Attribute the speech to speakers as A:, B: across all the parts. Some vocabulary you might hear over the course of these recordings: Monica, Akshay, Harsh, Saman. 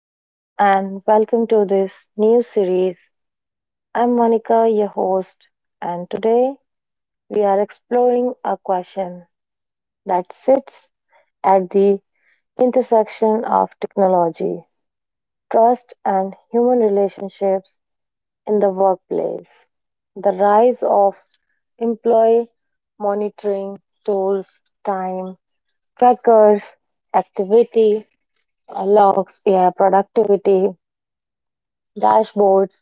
A: Hello and welcome to this new series. I'm Monica, your host, and today we are exploring a question that sits at the intersection of technology, trust, and human relationships in the workplace. The rise of employee monitoring tools, time trackers, activity logs, AI productivity, dashboards,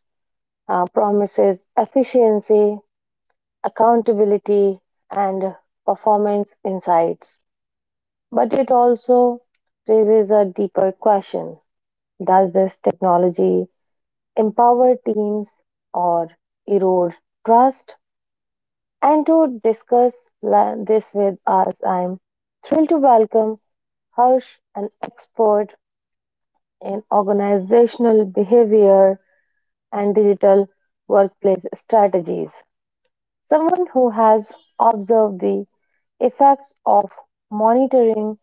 A: promises efficiency, accountability, and performance insights. But it also raises a deeper question. Does this technology empower teams or erode trust? And to discuss this with us, I'm thrilled to welcome Harsh, an expert in organizational behavior and digital workplace strategies. Someone who has observed the effects of monitoring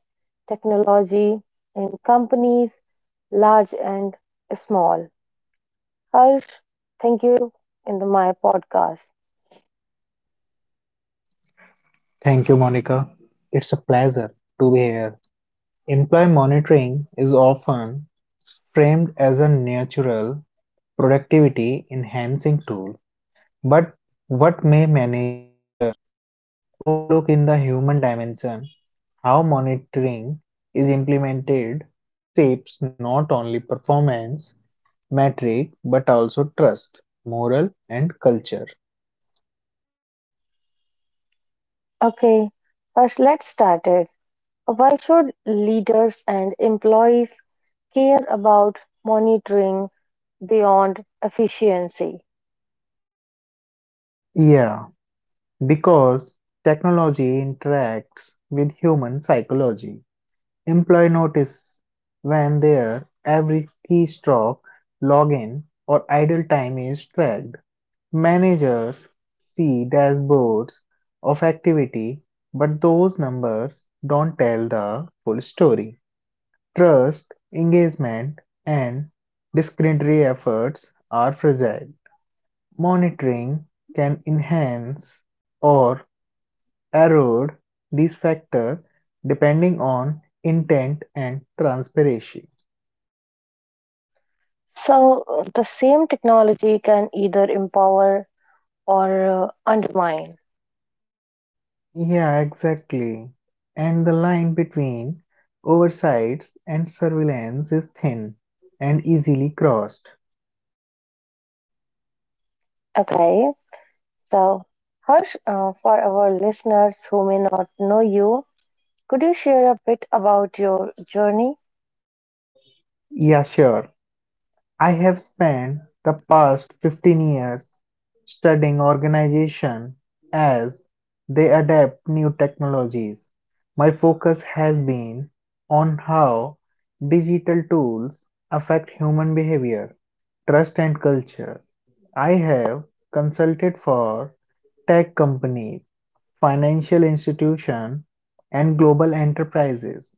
A: technology in companies large and small. Harsh, thank you in the, my podcast.
B: Thank you, Monica. It's a pleasure to be here. Employee monitoring is often framed as a natural productivity enhancing tool. But what may managers overlook in the human dimension? How monitoring is implemented shapes not only performance metric but also trust, moral, and culture.
A: Okay, Harsh, let's start it. Why should leaders and employees care about monitoring beyond efficiency?
B: Yeah, because technology interacts with human psychology. Employee notice when their every keystroke, login, or idle time is tracked. Managers see dashboards of activity, but those numbers don't tell the full story. Trust, engagement, and discretionary efforts are fragile. Monitoring can enhance or erode these factors depending on intent and transparency.
A: So, the same technology can either empower or undermine.
B: Yeah, exactly. And the line between oversights and surveillance is thin and easily crossed.
A: Okay. So, Harsh, for our listeners who may not know you, could you share a bit about your journey?
B: Yeah, sure. I have spent the past 15 years studying organizations as they adapt new technologies. My focus has been on how digital tools affect human behavior, trust, and culture. I have consulted for tech companies, financial institutions, and global enterprises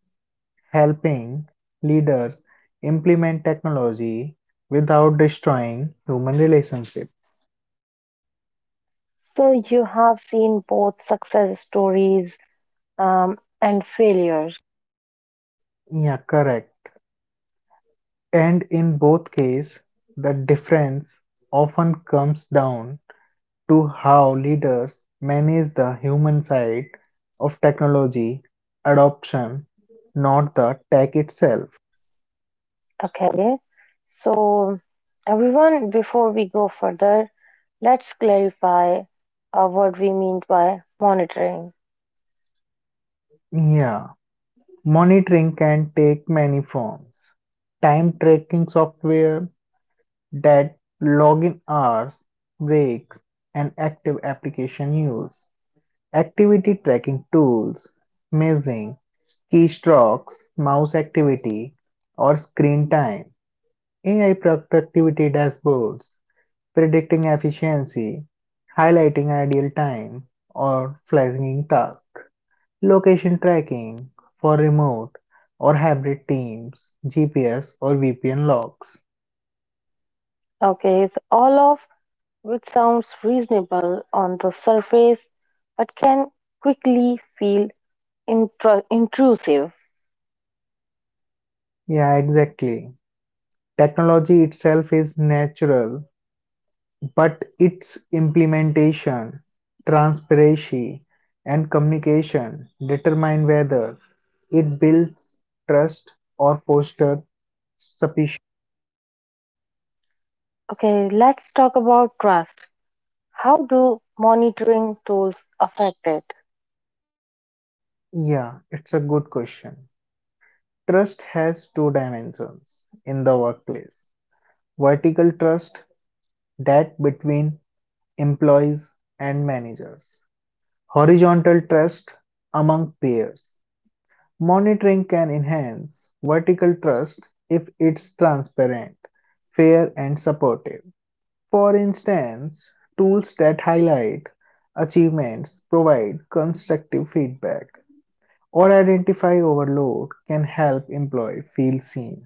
B: helping leaders implement technology without destroying human relationship.
A: So, you have seen both success stories and failures.
B: Yeah, correct. And in both cases, the difference often comes down to how leaders manage the human side of technology adoption, not the tech itself.
A: Okay. So, everyone, before we go further, let's clarify what we mean by monitoring.
B: Yeah, monitoring can take many forms. Time tracking software, that login hours, breaks, and active application use; activity tracking tools, measuring keystrokes, mouse activity, or screen time; AI productivity dashboards, predicting efficiency, highlighting ideal time, or flashing tasks; location tracking for remote or hybrid teams, GPS or VPN logs.
A: Okay. So, all of which sounds reasonable on the surface, but can quickly feel intrusive.
B: Yeah, exactly. Technology itself is natural, but its implementation, transparency, and communication determine whether it builds trust or fosters suspicion.
A: Okay, let's talk about trust. How do monitoring tools affect it?
B: Yeah, it's a good question. Trust has two dimensions in the workplace. Vertical trust, that between employees and managers. Horizontal trust among peers. Monitoring can enhance vertical trust if it's transparent, fair, and supportive. For instance, tools that highlight achievements, provide constructive feedback, or identify overload can help employees feel seen.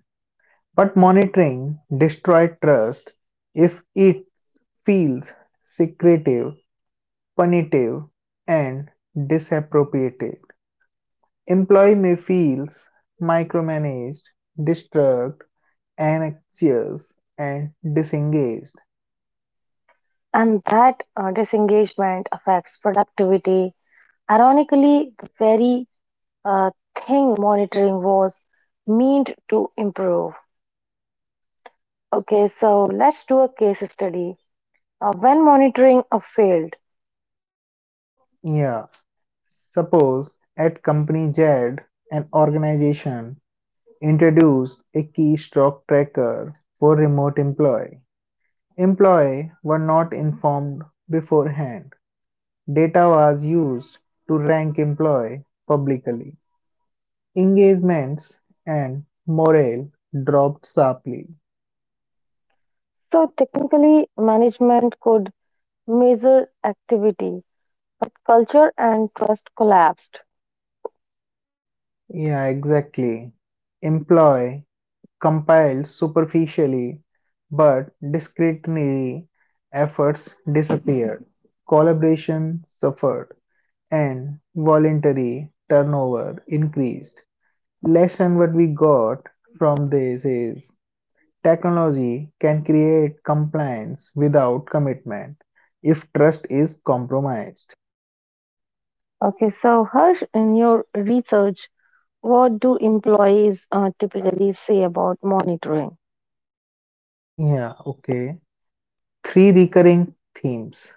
B: But monitoring destroys trust if it feels secretive, punitive, and disappropriative. Employee may feels micromanaged, disturbed, anxious, and disengaged.
A: And that disengagement affects productivity. Ironically, the very thing monitoring was meant to improve. Okay, so let's do a case study. When monitoring a failed,
B: Yeah. Suppose at company Z, an organization introduced a keystroke tracker for remote employee. Employee were not informed beforehand. Data was used to rank employee publicly. Engagements and morale dropped sharply.
A: so technically management could measure activity, but culture and trust collapsed.
B: Yeah, exactly. Employ, compile superficially, but discretionary efforts disappeared. Collaboration suffered, and voluntary turnover increased. Lesson what we got from this is technology can create compliance without commitment if trust is compromised.
A: Okay, so Harsh, in your research, what do employees typically say about monitoring?
B: Yeah, okay. Three recurring themes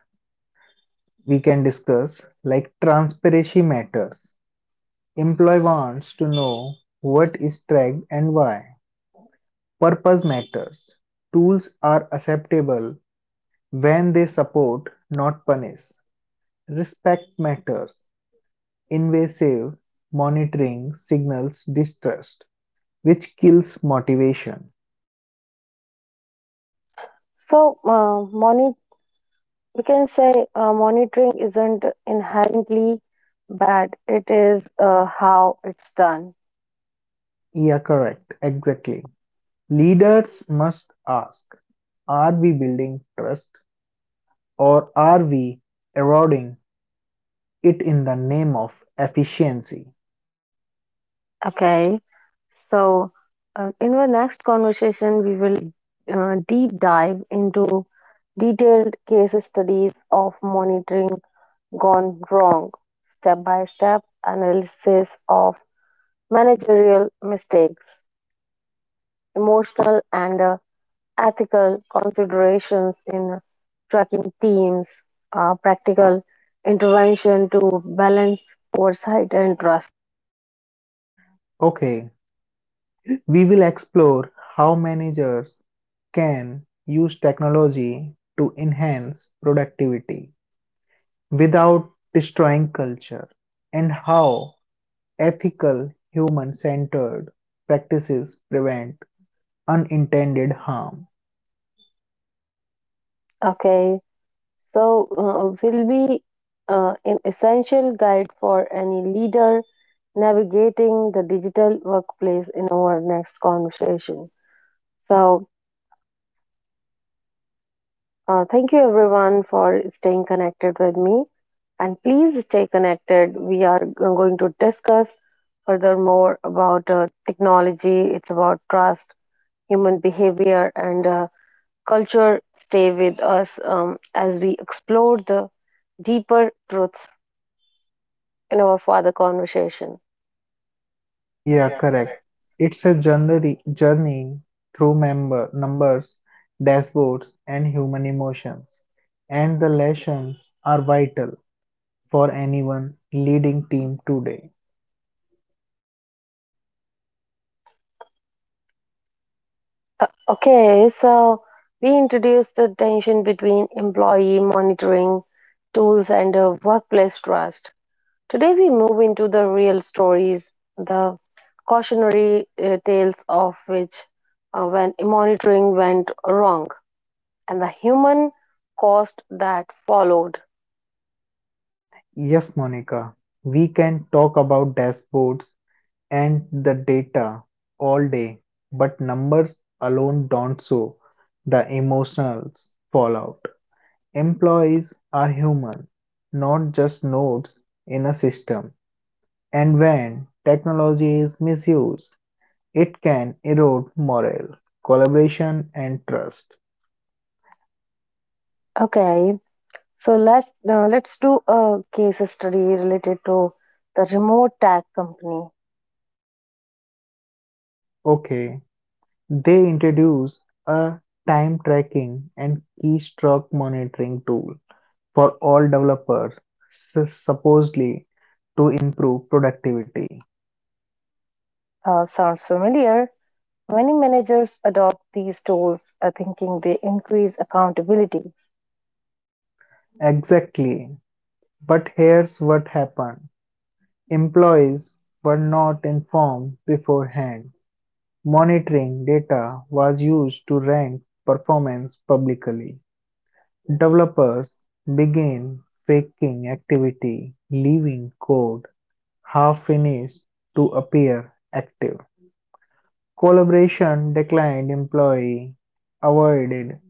B: we can discuss like transparency matters. Employee wants to know what is tracked and why. Purpose matters. Tools are acceptable when they support, not punish. Respect matters. Invasive monitoring signals distrust, which kills motivation.
A: So, we can say monitoring isn't inherently bad, it is how it's done.
B: Yeah, correct. Exactly. Leaders must ask, are we building trust or are we eroding it in the name of efficiency?
A: Okay, so in our next conversation, we will deep dive into detailed case studies of monitoring gone wrong, step by step analysis of managerial mistakes, emotional and ethical considerations in tracking teams, practical intervention to balance oversight and trust.
B: Okay, we will explore how managers can use technology to enhance productivity without destroying culture, and how ethical human centered practices prevent unintended harm.
A: Okay, so will be an essential guide for any leader navigating the digital workplace in our next conversation. So, thank you everyone for staying connected with me, and please stay connected. We are going to discuss furthermore about technology, it's about trust, human behavior, and culture. Stay with us as we explore the deeper truths in our further conversation.
B: Yeah, correct. It's a journey through numbers, dashboards, and human emotions, and the lessons are vital for anyone leading team today.
A: Okay, so we introduced the tension between employee monitoring tools and workplace trust. Today, we move into the real stories, the cautionary tales of which when monitoring went wrong and the human cost that followed.
B: Yes, Monica, we can talk about dashboards and the data all day, but numbers alone don't show the emotional fallout. Employees are human, not just nodes in a system. And when technology is misused, it can erode morale, collaboration, and trust.
A: Okay, so let's do a case study related to the remote tag company.
B: Okay, they introduce a time tracking and keystroke monitoring tool for all developers, supposedly to improve productivity.
A: Sounds familiar. Many managers adopt these tools thinking they increase accountability.
B: Exactly. But here's what happened. Employees were not informed beforehand. Monitoring data was used to rank performance publicly. Developers began faking activity, leaving code half finished to appear active. Collaboration declined. Employee avoided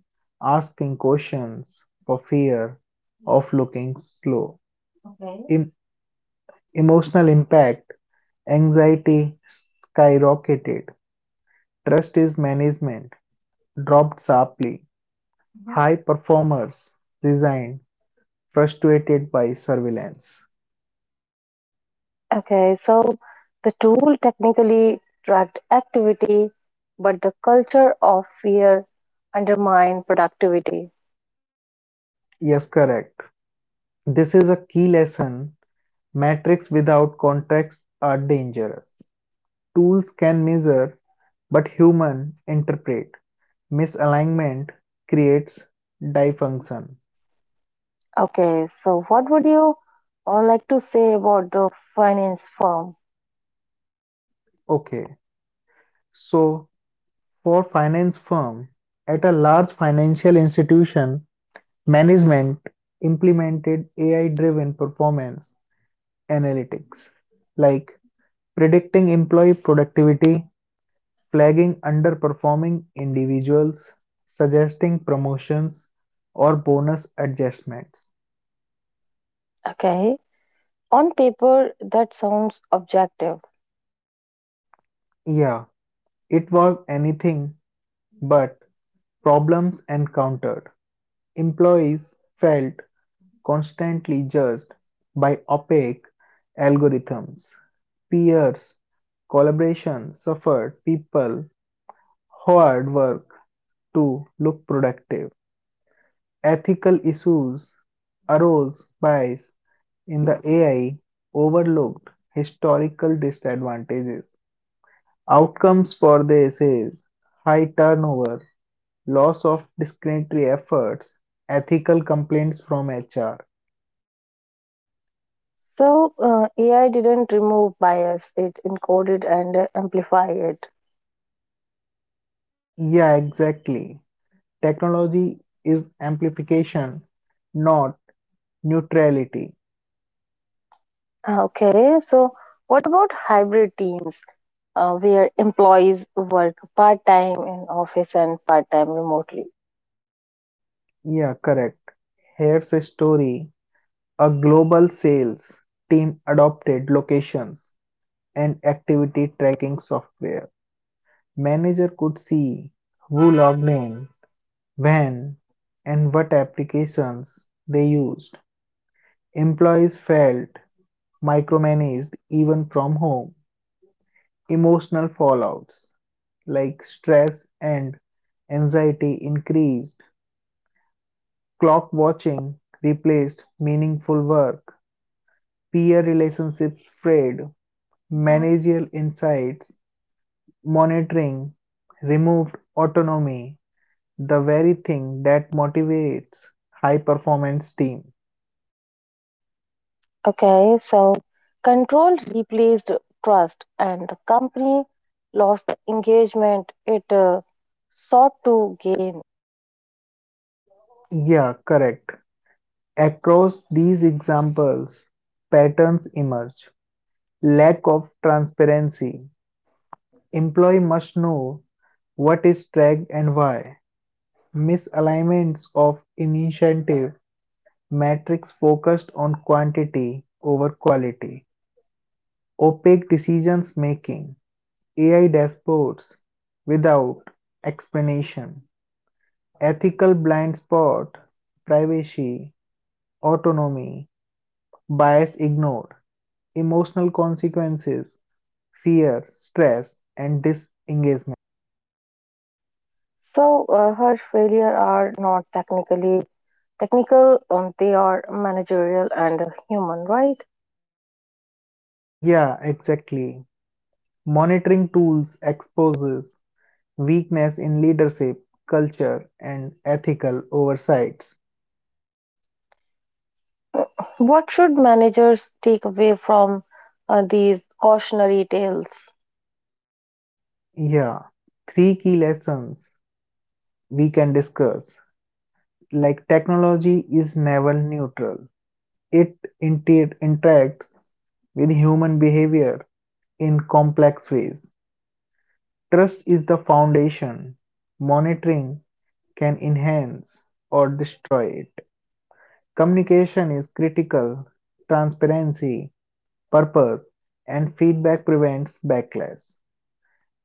B: asking questions for fear of looking slow. Okay. Emotional impact, anxiety skyrocketed. Trust is management dropped sharply. Mhm. High performers resigned frustrated by surveillance.
A: Okay, so the tool technically tracked activity, but the culture of fear undermined productivity.
B: Yes, correct. This is a key lesson. Metrics without context are dangerous. Tools can measure, but humans interpret. Misalignment creates dysfunction.
A: Okay, so what would you all like to say about the finance firm?
B: Okay, so for finance firm, at a large financial institution, management implemented AI-driven performance analytics like predicting employee productivity, flagging underperforming individuals, suggesting promotions or bonus adjustments.
A: Okay, on paper, that sounds objective.
B: Yeah, it was anything but. Problems encountered. Employees felt constantly judged by opaque algorithms. Peers' collaboration suffered. People hoard work to look productive. Ethical issues arose. Bias in the AI overlooked historical disadvantages. Outcomes for this is high turnover, loss of discretionary efforts, ethical complaints from HR.
A: So, AI didn't remove bias, it encoded and amplified it.
B: Yeah, exactly. Technology is amplification, not neutrality.
A: Okay, so what about hybrid teams where employees work part time in office and part time remotely?
B: Yeah, correct. Here's a story. A global sales team adopted locations and activity tracking software. Manager could see who logged in, when, and what applications they used. Employees felt micromanaged even from home. Emotional fallouts like stress and anxiety increased. Clock watching replaced meaningful work. Peer relationships frayed. Managerial insights, monitoring removed autonomy. The very thing that motivates high performance team.
A: Okay, so control replaced trust and the company lost the engagement it sought to gain.
B: Yeah, correct. Across these examples, patterns emerge. Lack of transparency. Employee must know what is tracked and why. Misalignments of initiative, metrics focused on quantity over quality. Opaque decisions making. AI dashboards without explanation. Ethical blind spot, privacy, autonomy, bias ignored, emotional consequences, fear, stress, and disengagement.
A: So her failure are not technical, they are managerial and human, right?
B: Yeah, exactly. Monitoring tools exposes weakness in leadership, culture, and ethical oversights.
A: What should managers take away from these cautionary tales?
B: Yeah, three key lessons we can discuss. Like technology is never neutral. It interacts with human behavior, in complex ways. Trust is the foundation. Monitoring can enhance or destroy it. Communication is critical. Transparency, purpose, and feedback prevents backlash. Okay.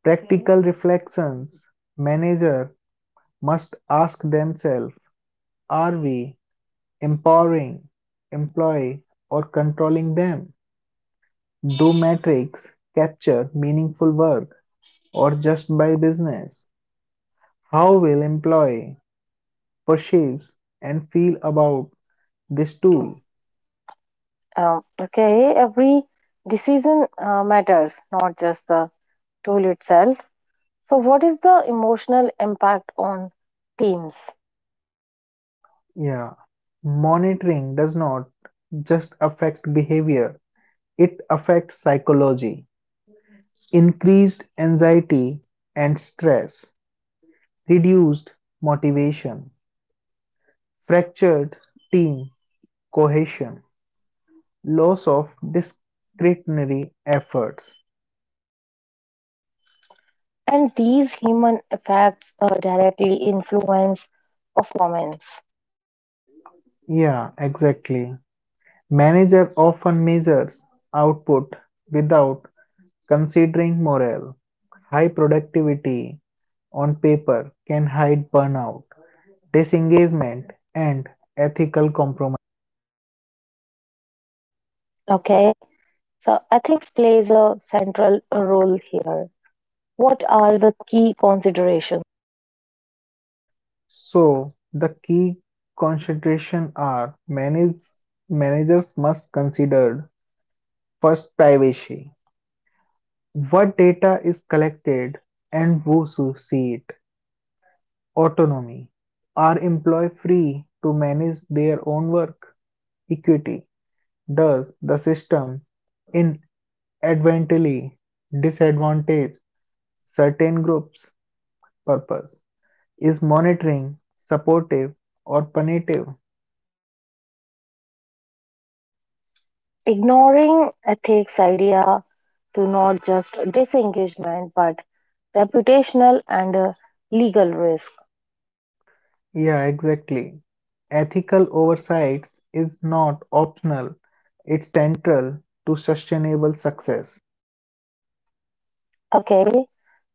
B: Practical, okay, reflections. Manager must ask themselves, are we empowering, employee, or controlling them? Do metrics capture meaningful work or just by business? How will employ, perceives, and feel about this tool?
A: Okay, every decision matters, not just the tool itself. So, what is the emotional impact on teams?
B: Yeah, monitoring does not just affect behavior, it affects psychology. Increased anxiety and stress, reduced motivation, fractured team cohesion, loss of discretionary efforts.
A: And these human effects directly influence performance.
B: Yeah, exactly. Manager often measures output without considering morale. High productivity on paper can hide burnout, disengagement, and ethical compromise.
A: Okay, so ethics plays a central role here. What are the key considerations?
B: So, the key considerations are managers must consider first privacy. What data is collected and who sees it? Autonomy. Are employees free to manage their own work? Equity. Does the system inadvertently disadvantage certain groups? Purpose, is monitoring supportive or punitive?
A: Ignoring ethics idea to not just disengagement but reputational and legal risk.
B: Yeah, exactly. Ethical oversight is not optional, it's central to sustainable success.
A: Okay,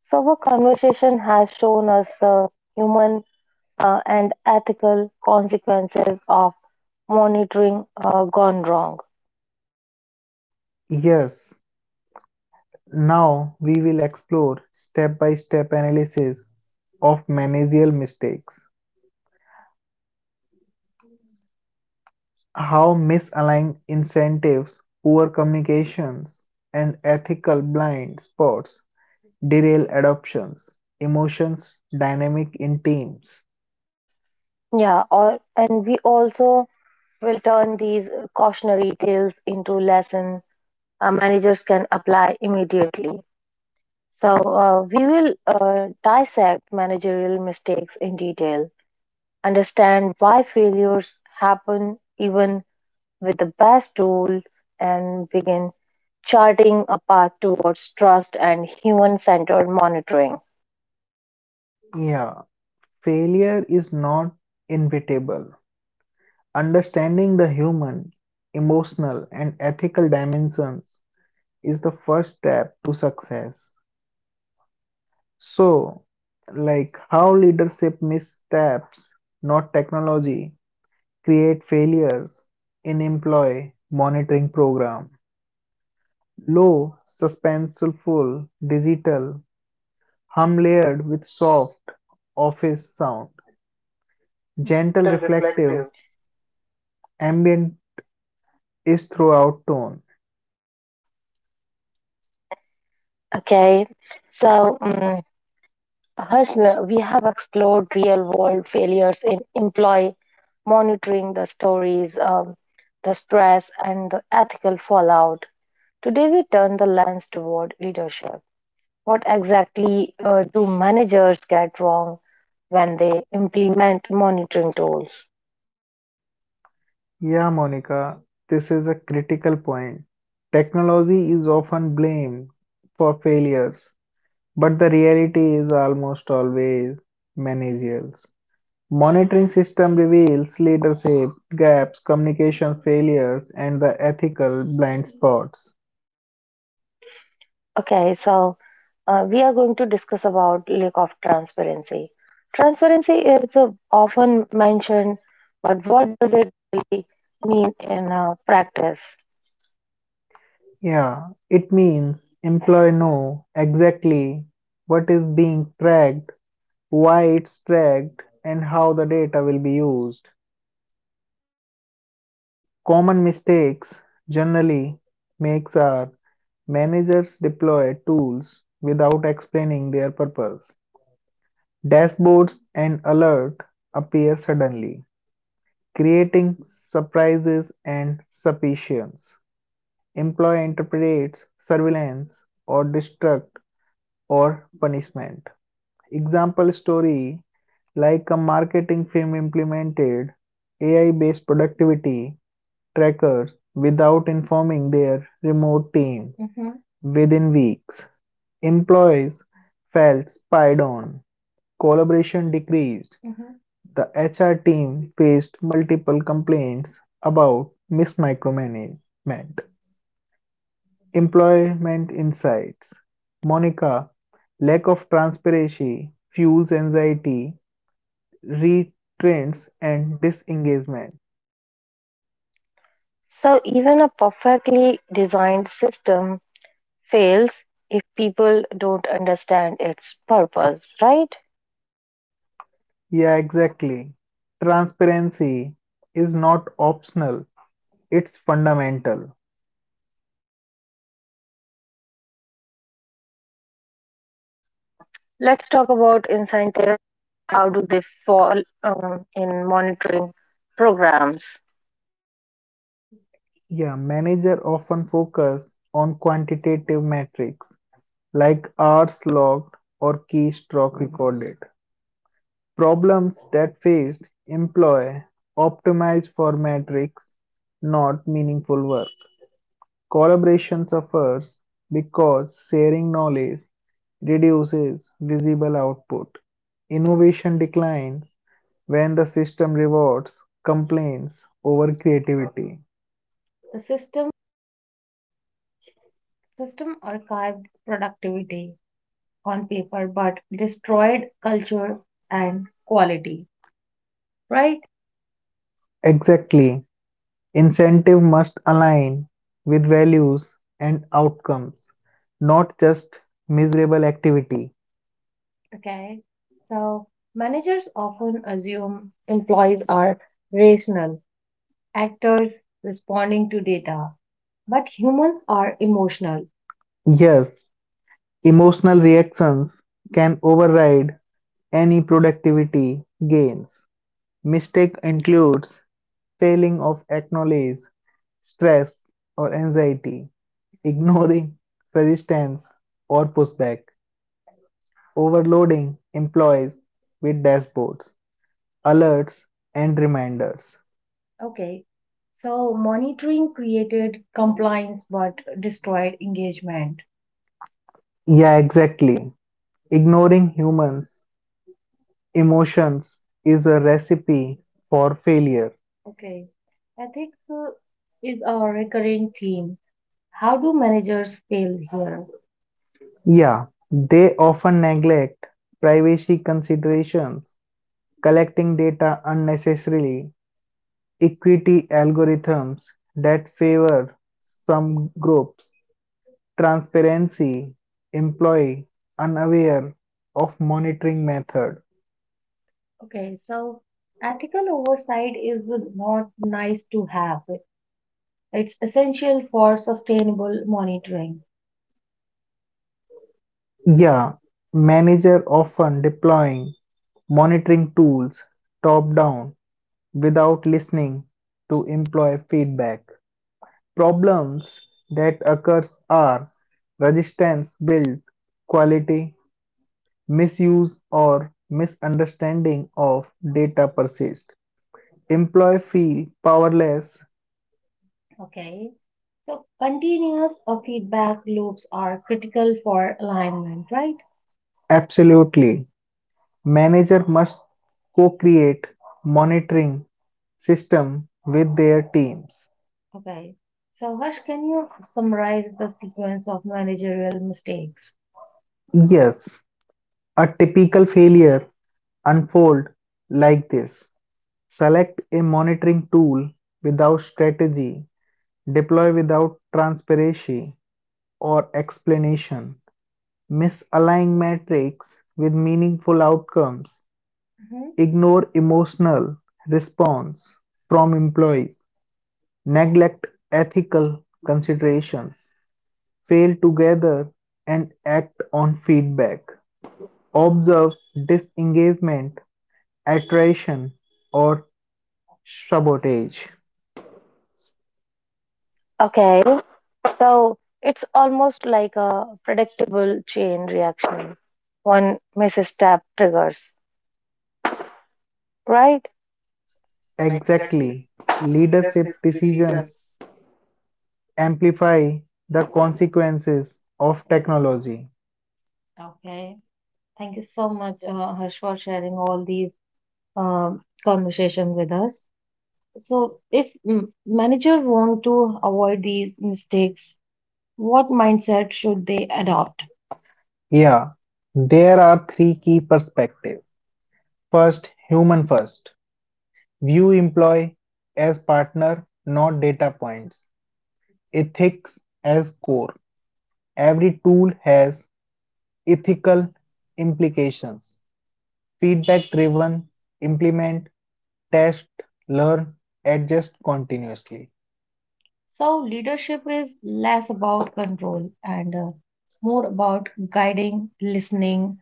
A: so our conversation has shown us the human and ethical consequences of monitoring gone wrong.
B: Yes, now we will explore step by step analysis of managerial mistakes, how misaligned incentives, poor communications, and ethical blind spots derail adoptions, emotions, dynamic in teams.
A: Yeah, or, and we also will turn these cautionary tales into lesson managers can apply immediately. So we will dissect managerial mistakes in detail, understand why failures happen even with the best tool, and begin charting a path towards trust and human centered monitoring.
B: Yeah, failure is not inevitable. Understanding the human, emotional, and ethical dimensions is the first step to success. So, like how leadership missteps, not technology, create failures in employee monitoring program. Low, suspenseful, digital hum layered with soft, office sound. Gentle, reflective, ambient is throughout tone.
A: Okay, so Harsh, we have explored real world failures in employee monitoring, the stories, the stress, and the ethical fallout. Today, we turn the lens toward leadership. What exactly do managers get wrong when they implement monitoring tools?
B: Yeah, Monica, this is a critical point. Technology is often blamed for failures, but the reality is almost always managerial. Monitoring system reveals leadership gaps, communication failures, and the ethical blind spots.
A: Okay, so we are going to discuss about lack of transparency. Transparency is often mentioned, but what does it really mean in practice?
B: Yeah, it means employee know exactly what is being tracked, why it's tracked, and how the data will be used. Common mistakes generally makes are managers deploy tools without explaining their purpose. Dashboards and alert appear suddenly, creating surprises and suspicions. Employee interprets surveillance or distract or punishment. Example story, like a marketing firm implemented AI based productivity trackers without informing their remote team. Mhm. Within weeks, employees felt spied on, collaboration decreased. Mhm. The HR team faced multiple complaints about mismanagement, employment insights. Monica, lack of transparency fuels anxiety, restraints and disengagement.
A: So even a perfectly designed system fails if people don't understand its purpose, right?
B: Yeah, exactly. Transparency is not optional, it's fundamental.
A: Let's talk about incentives. How do they fall in monitoring programs?
B: Yeah, manager often focus on quantitative metrics like hours logged or keystroke recorded. Problems that faced, employee optimize for metrics, not meaningful work. Collaboration suffers because sharing knowledge reduces visible output. Innovation declines when the system rewards complaints over creativity. The system archived productivity on paper but destroyed culture and quality, right? Exactly. Incentive must align with values and outcomes, not just miserable activity. Okay. So managers often assume employees are rational actors responding to data, but humans are emotional. Yes, emotional reactions can override any productivity gains. Mistake includes failing of acknowledge stress or anxiety, ignoring resistance or pushback, overloading employees with dashboards, alerts, and reminders. Okay, so monitoring created compliance but destroyed engagement. Yeah, exactly. Ignoring humans' emotions is a recipe for failure. Okay, ethics is a recurring theme. How do managers fail here? Yeah, they often neglect privacy considerations, collecting data unnecessarily, equity algorithms that favor some groups. Transparency, employee unaware of monitoring method. Okay, so ethical oversight is not nice to have. It's essential for sustainable monitoring. Yeah, manager often deploying monitoring tools top down without listening to employee feedback. Problems that occur are resistance build quality, misuse or misunderstanding of data persist. Employee feel powerless. Okay. So continuous feedback loops are critical for alignment, right? Absolutely. Manager must co-create monitoring system with their teams. Okay. So, Harsh, can you summarize the sequence of managerial mistakes? Yes, a typical failure unfolds like this. Select a monitoring tool without strategy, deploy without transparency or explanation, misalign metrics with meaningful outcomes, mhm, ignore emotional response from employees, neglect ethical considerations, fail to gather and act on feedback, observe disengagement, attrition, or sabotage.
A: Okay, so it's almost like a predictable chain reaction. One misses tap triggers, right?
B: Exactly, leadership decisions amplify the consequences of technology. Okay. Thank you so much, Harsh, for sharing all these um, conversations with us. So, if manager want to avoid these mistakes, what mindset should they adopt? Yeah, there are three key perspectives. First, human first. View employee as partner, not data points. Ethics as core. Every tool has ethical implications. Feedback driven, implement, test, learn, adjust continuously. So, leadership is less about control and more about guiding, listening,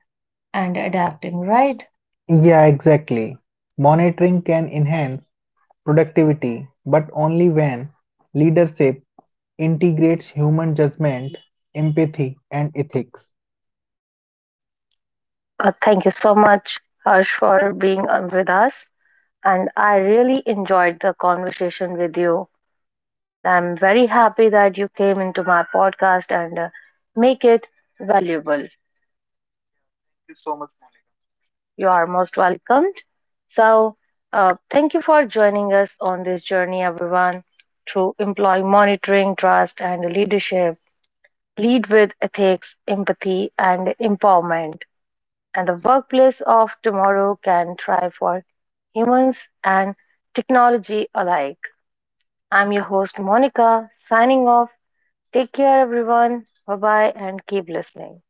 B: and adapting, right? Yeah, exactly. Monitoring can enhance productivity, but only when leadership integrates human judgment, empathy, and ethics.
A: Thank you so much, Harsh, for being on with us. And I really enjoyed the conversation with you. And I'm very happy that you came into my podcast and make it valuable. You are most welcomed. So, thank you for joining us on this journey, everyone, through employee monitoring, trust, and leadership. Lead with ethics, empathy, and empowerment. And the workplace of tomorrow can thrive for humans and technology alike. I'm your host, Monica, signing off. Take care, everyone. Bye bye, and keep listening.